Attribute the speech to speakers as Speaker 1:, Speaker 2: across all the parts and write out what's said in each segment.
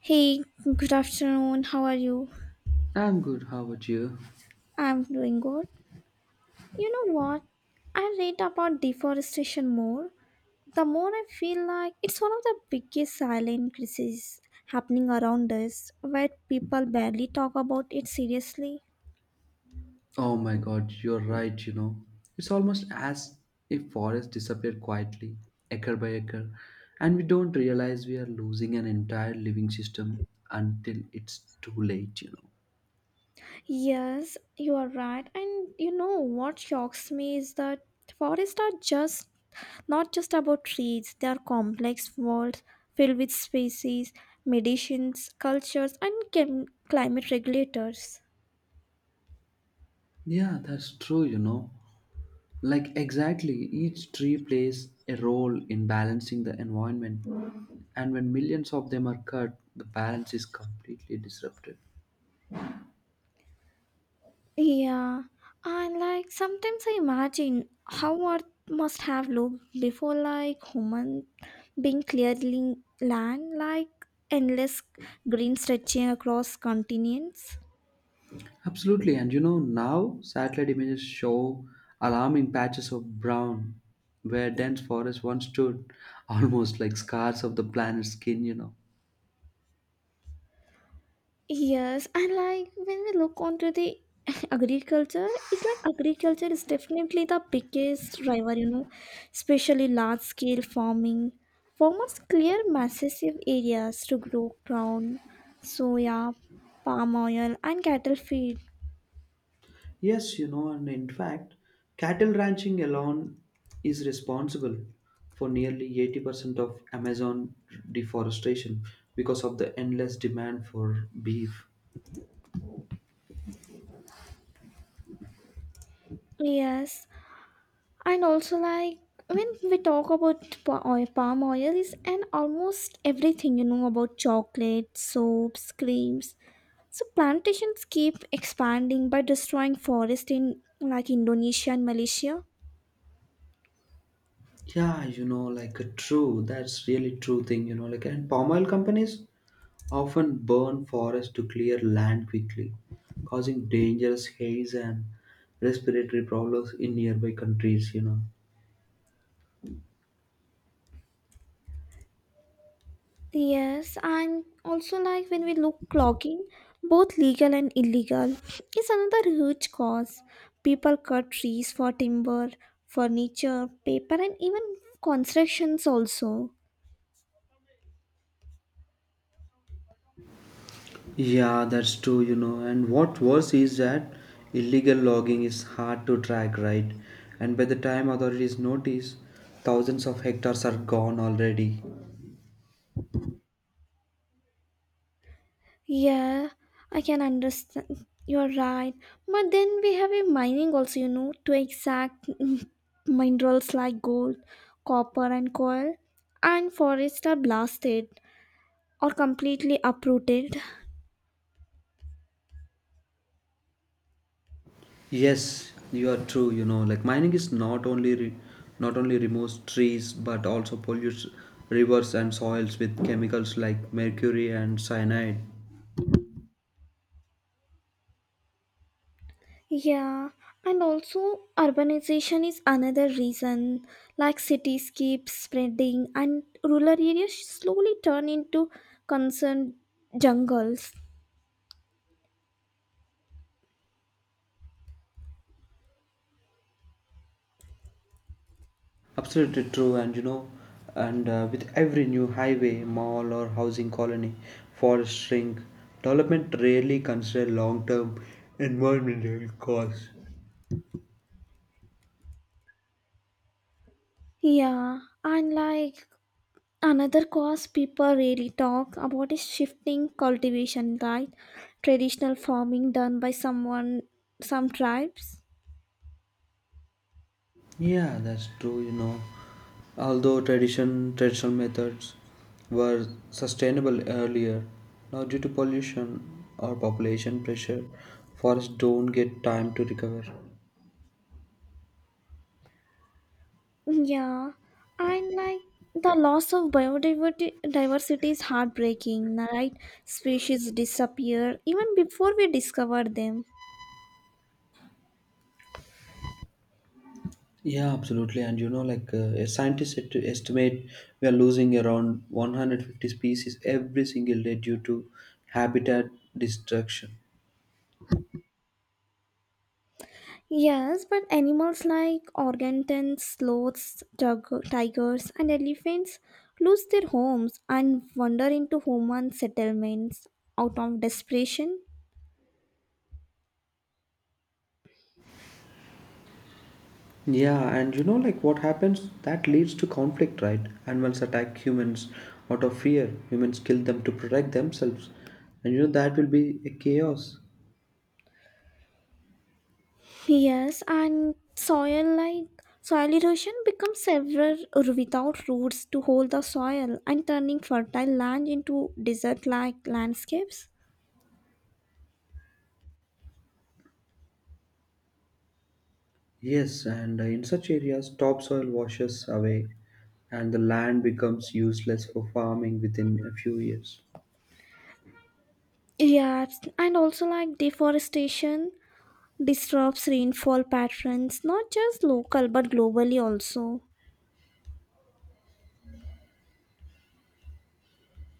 Speaker 1: Hey, good afternoon. How are you?
Speaker 2: I'm good, how about you?
Speaker 1: I'm doing good. You know what? I read about deforestation more. The more I feel like it's one of the biggest silent crises happening around us, where people barely talk about it seriously.
Speaker 2: Oh my god, you're right, you know. It's almost as if forests disappear quietly, acre by acre, and we don't realize we are losing an entire living system until it's too late, you know.
Speaker 1: Yes, you are right. And you know what shocks me is that forests are just not just about trees, they are complex worlds filled with species, medicines, cultures, and climate regulators.
Speaker 2: Yeah, that's true, you know. Like, exactly, each tree plays a role in balancing the environment, and when millions of them are cut, the balance is completely disrupted.
Speaker 1: Yeah, and like sometimes I imagine how Earth must have looked before like human being clearing land, like endless green stretching across continents.
Speaker 2: Absolutely, and you know, now satellite images show alarming patches of brown where dense forests once stood, almost like scars of the planet's skin, you know.
Speaker 1: Yes, and like when we look onto the agriculture, it's like agriculture is definitely the biggest driver, you know, especially large scale farming. Farmers clear massive areas to grow ground, soya, palm oil, and cattle feed.
Speaker 2: Yes, you know, and in fact, cattle ranching alone is responsible for nearly 80% of Amazon deforestation because of the endless demand for beef.
Speaker 1: Yes, and also like when we talk about oil, palm oil, is and almost everything you know about chocolate, soaps, creams, so plantations keep expanding by destroying forest in like Indonesia and Malaysia.
Speaker 2: Yeah, true. That's really true thing, you know, like and palm oil companies often burn forests to clear land quickly, causing dangerous haze and respiratory problems in nearby countries, you know.
Speaker 1: Yes, and also like when we look logging, both legal and illegal, is another huge cause. People cut trees for timber, furniture, paper, and even constructions also.
Speaker 2: Yeah, that's true, you know. And what worse is that illegal logging is hard to track, right? And by the time authorities notice, thousands of hectares are gone already.
Speaker 1: Yeah, I can understand. You're right. But then we have a mining also, you know, to exact minerals like gold, copper, and coal. And forests are blasted or completely uprooted.
Speaker 2: Yes, you are true. You know, like mining is not only removes trees but also pollutes rivers and soils with chemicals like mercury and cyanide.
Speaker 1: Yeah, and also urbanization is another reason. Like cities keep spreading, and rural areas slowly turn into concerned jungles.
Speaker 2: Absolutely true. And you know, and with every new highway, mall, or housing colony, forests shrink. Development rarely consider long-term environmental costs.
Speaker 1: Yeah, and like another cause people really talk about is shifting cultivation, right? Traditional farming done by someone, some tribes.
Speaker 2: Yeah, that's true, you know. Although traditional methods were sustainable earlier, now due to pollution or population pressure, forests don't get time to recover.
Speaker 1: Yeah, and like the loss of biodiversity diversity is heartbreaking, right? Species disappear even before we discover them.
Speaker 2: Yeah, absolutely. And you know, a scientist estimate we are losing around 150 species every single day due to habitat destruction.
Speaker 1: Yes, but animals like orangutans, sloths, tigers, and elephants lose their homes and wander into human settlements out of desperation.
Speaker 2: Yeah, and you know, like what happens? That leads to conflict, right? Animals attack humans out of fear. Humans kill them to protect themselves. And you know, that will be a chaos.
Speaker 1: Yes, and soil like soil erosion becomes several without roots to hold the soil and turning fertile land into desert-like landscapes.
Speaker 2: Yes, and in such areas, topsoil washes away and the land becomes useless for farming within a few years.
Speaker 1: Yeah, and also like deforestation disrupts rainfall patterns, not just local but globally also.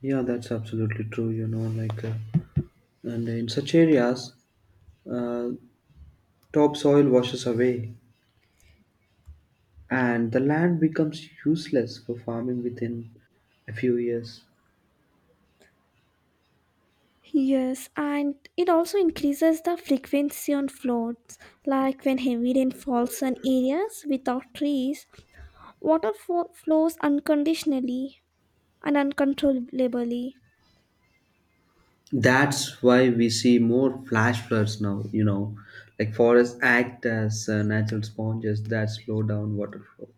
Speaker 2: Yeah, that's absolutely true, and in such areas, uh, topsoil washes away and the land becomes useless for farming within a few years.
Speaker 1: Yes, and it also increases the frequency on floods, like when heavy rain falls on areas without trees, water flows unconditionally and uncontrollably.
Speaker 2: That's why we see more flash floods now, you know, like forests act as natural sponges that slow down water flow.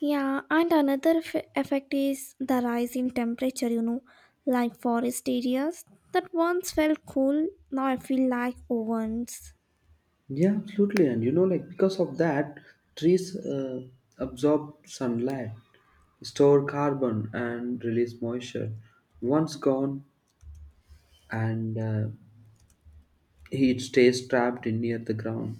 Speaker 1: Yeah, and another effect is the rise in temperature, you know, like forest areas that once felt cool now I feel like ovens.
Speaker 2: Yeah, absolutely. And you know, like because of that, trees absorb sunlight, store carbon, and release moisture. Once gone, and heat stays trapped in near the ground.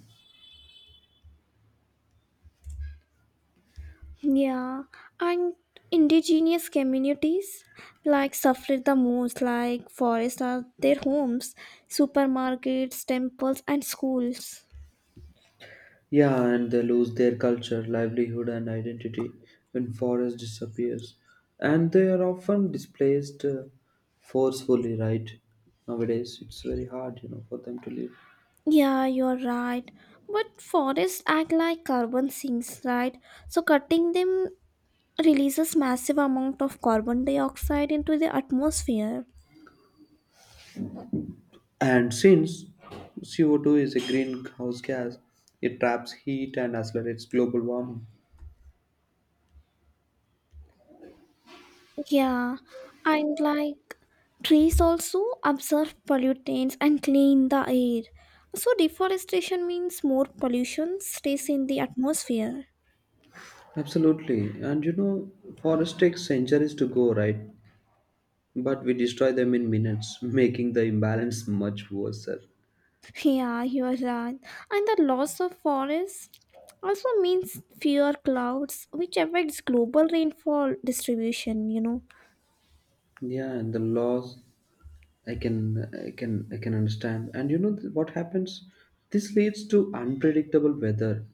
Speaker 1: Yeah, and indigenous communities like suffered the most, like forests are their homes, supermarkets, temples, and schools.
Speaker 2: Yeah, and they lose their culture, livelihood, and identity when forest disappears, and they are often displaced forcefully. Right nowadays, it's very hard, you know, for them to live.
Speaker 1: Yeah, you're right. But forests act like carbon sinks, right? So cutting them releases massive amount of carbon dioxide into the atmosphere.
Speaker 2: And since CO2 is a greenhouse gas, it traps heat and accelerates global warming.
Speaker 1: Yeah, and like trees also absorb pollutants and clean the air. So deforestation means more pollution stays in the atmosphere.
Speaker 2: Absolutely, and you know, forests take centuries to go, right? But we destroy them in minutes, making the imbalance much worse.
Speaker 1: Yeah, you are right. And the loss of forests also means fewer clouds, which affects global rainfall distribution,
Speaker 2: Yeah, and the loss I can understand. And you know what happens? This leads to unpredictable weather,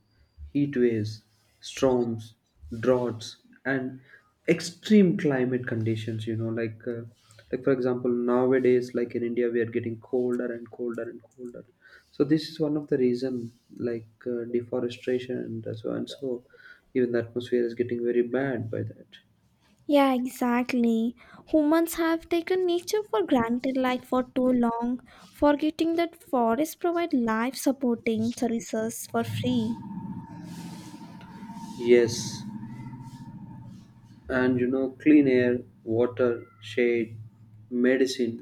Speaker 2: heat waves, storms, droughts, and extreme climate conditions. You know, like for example, nowadays, like in India, we are getting colder and colder and colder. So this is one of the reason, deforestation and so, even the atmosphere is getting very bad by that.
Speaker 1: Yeah, exactly. Humans have taken nature for granted like for too long, forgetting that forests provide life supporting services for free.
Speaker 2: Yes, and you know, clean air, water, shade, medicine,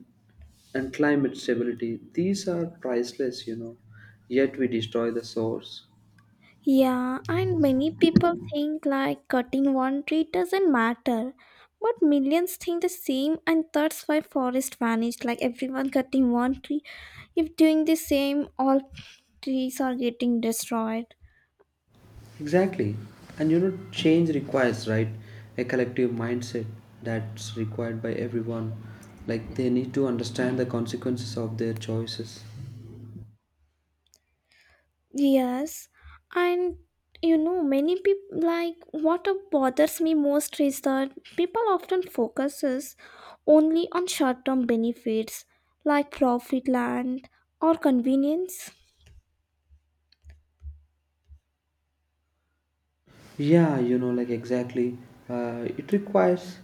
Speaker 2: and climate stability, these are priceless, you know, yet we destroy the source.
Speaker 1: Yeah, and many people think like cutting one tree doesn't matter, but millions think the same and that's why forest vanished like everyone cutting one tree. If doing the same all trees are getting destroyed.
Speaker 2: Exactly, and you know change requires, right, a collective mindset that's required by everyone, like they need to understand the consequences of their choices.
Speaker 1: Yes, and you know, many people like what bothers me most is that people often focuses only on short-term benefits like profit land or convenience.
Speaker 2: Yeah, you know, like exactly, uh, it requires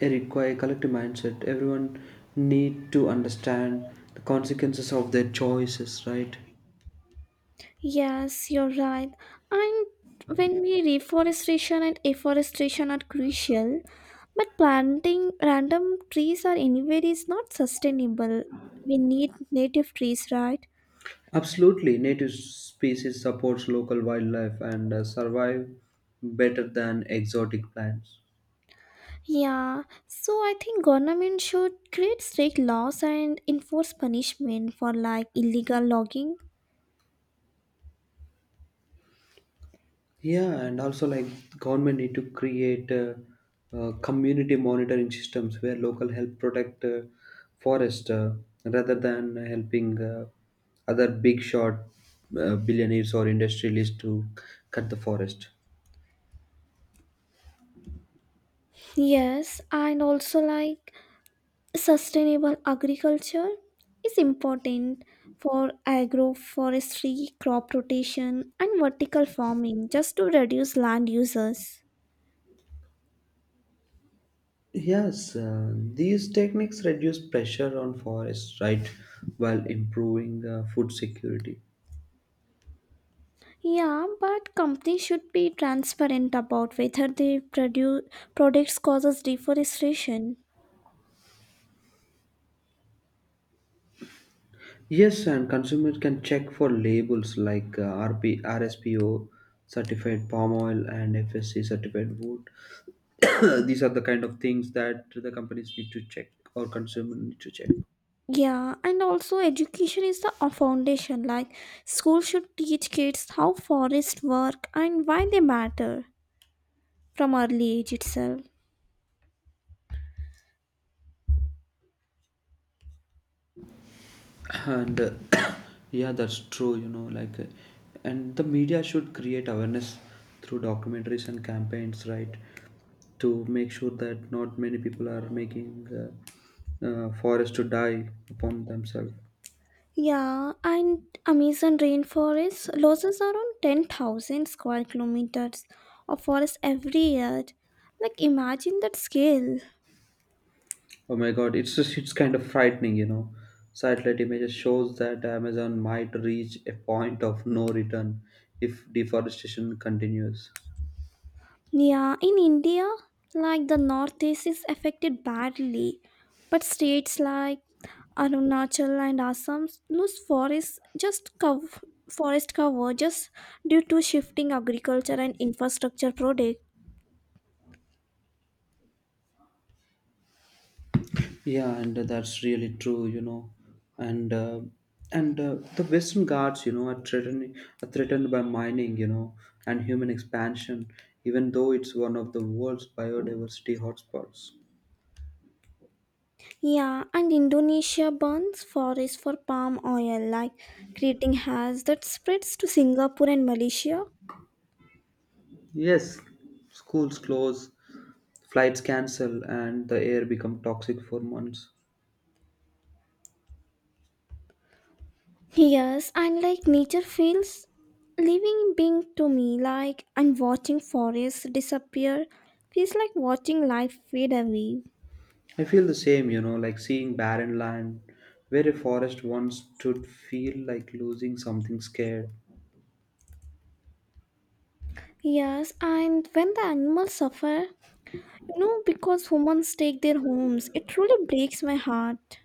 Speaker 2: it requires collective mindset, everyone need to understand the consequences of their choices, right.
Speaker 1: Yes, you're right. And when we reforestation and afforestation are crucial, but planting random trees or anywhere is not sustainable. We need native trees, right?
Speaker 2: Absolutely, native species supports local wildlife and survive better than exotic plants.
Speaker 1: Yeah, so I think government should create strict laws and enforce punishment for like illegal logging.
Speaker 2: Yeah, and also like government need to create community monitoring systems where local help protect forest, rather than helping other big shot billionaires or industrialists to cut the forest.
Speaker 1: Yes, and also like sustainable agriculture is important for agroforestry, crop rotation, and vertical farming just to reduce land uses.
Speaker 2: Yes, these techniques reduce pressure on forests, right, while improving food security.
Speaker 1: Yeah, but companies should be transparent about whether their products causes deforestation.
Speaker 2: Yes, and consumers can check for labels like RP, certified palm oil and FSC certified wood. These are the kind of things that the companies need to check or consumer need to check.
Speaker 1: Yeah, and also education is the foundation. Like school should teach kids how forests work and why they matter from early age itself.
Speaker 2: And Yeah, that's true, you know, and the media should create awareness through documentaries and campaigns, right, to make sure that not many people are making forest to die upon themselves.
Speaker 1: Yeah, and Amazon rainforest loses around 10,000 square kilometers of forest every year. Like imagine that scale.
Speaker 2: Oh my god, it's just it's kind of frightening, you know, satellite images shows that Amazon might reach a point of no return if deforestation continues.
Speaker 1: Yeah, in India, like the Northeast is affected badly, but states like Arunachal and Assam's lose forest just forest cover just due to shifting agriculture and infrastructure project.
Speaker 2: Yeah, and that's really true, you know, and uh, and the Western Ghats, you know, are threatened by mining, you know, and human expansion, even though it's one of the world's biodiversity hotspots.
Speaker 1: Yeah, and Indonesia burns forests for palm oil, like creating haze that spreads to Singapore and Malaysia.
Speaker 2: Yes, schools close, flights cancel, and the air become toxic for months.
Speaker 1: Yes, and like nature feels living being to me, like and watching forests disappear feels like watching life fade away.
Speaker 2: I feel the same, you know, like seeing barren land where a forest once stood, feel like losing something scared.
Speaker 1: Yes, and when the animals suffer, no, because humans take their homes. It truly breaks my heart.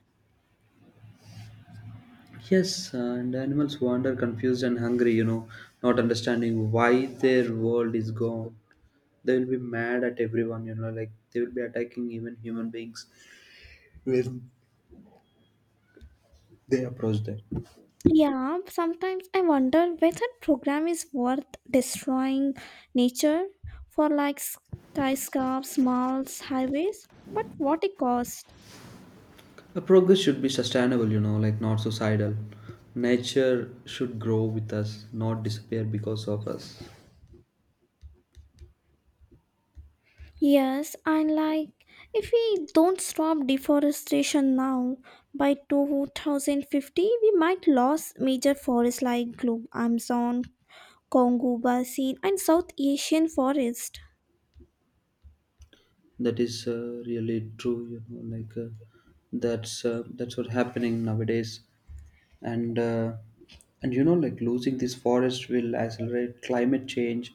Speaker 2: Yes, and animals wander confused and hungry, you know, not understanding why their world is gone. They will be mad at everyone, you know, like they will be attacking even human beings when they approach them.
Speaker 1: Yeah, sometimes I wonder whether program is worth destroying nature for like skyscrapers, malls, highways. But what it cost?
Speaker 2: The progress should be sustainable, you know, like not suicidal. Nature should grow with us, not disappear because of us.
Speaker 1: Yes, and like if we don't stop deforestation now, by 2050 we might lose major forests like Globe Amazon, Congo Basin, and South Asian forest.
Speaker 2: That is really true. You know, that's what happening nowadays, and uh, and you know, like losing this forest will accelerate climate change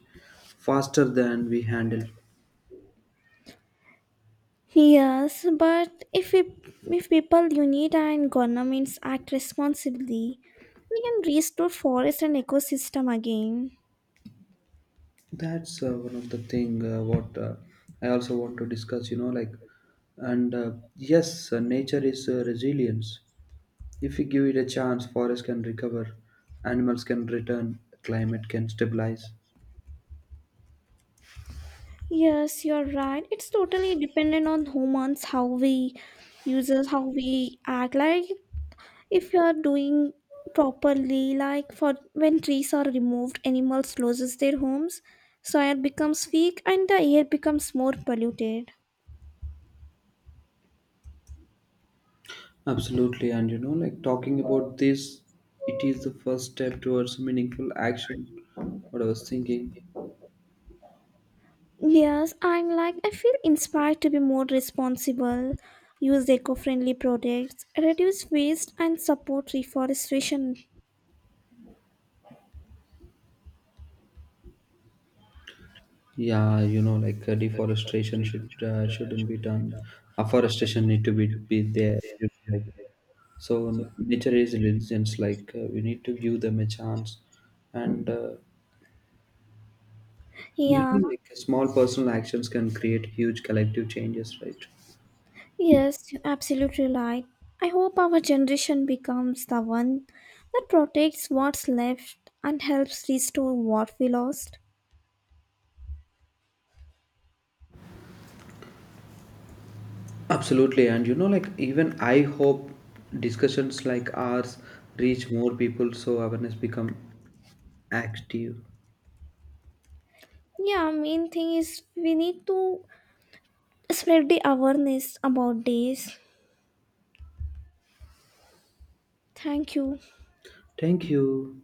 Speaker 2: faster than we handle.
Speaker 1: Yes, but if we, if people, unit and governments act responsibly, we can restore forest and ecosystem again.
Speaker 2: That's one of the thing what I also want to discuss. You know, like and yes, nature is resilience. If we give it a chance, forest can recover, animals can return, climate can stabilize.
Speaker 1: Yes, you're right. It's totally dependent on humans, how we uses, how we act. Like if you are doing properly, like for when trees are removed, animals loses their homes, soil becomes weak, and the air becomes more polluted.
Speaker 2: Absolutely, and you know, like talking about this, it is the first step towards meaningful action. What I was thinking,
Speaker 1: Yes, I'm like, I feel inspired to be more responsible, use eco friendly products, reduce waste, and support reforestation.
Speaker 2: yeah, you know, deforestation shouldn't be done. Afforestation need to be there. You know, like, so nature is religions. Like we need to give them a chance, and you
Speaker 1: Yeah,
Speaker 2: know, like small personal actions can create huge collective changes, right?
Speaker 1: yes, you're absolutely right. I hope our generation becomes the one that protects what's left and helps restore what we lost.
Speaker 2: Absolutely, and you know, like even I hope discussions like ours reach more people so awareness become active.
Speaker 1: Yeah, main thing is we need to spread the awareness about this. Thank you.
Speaker 2: Thank you.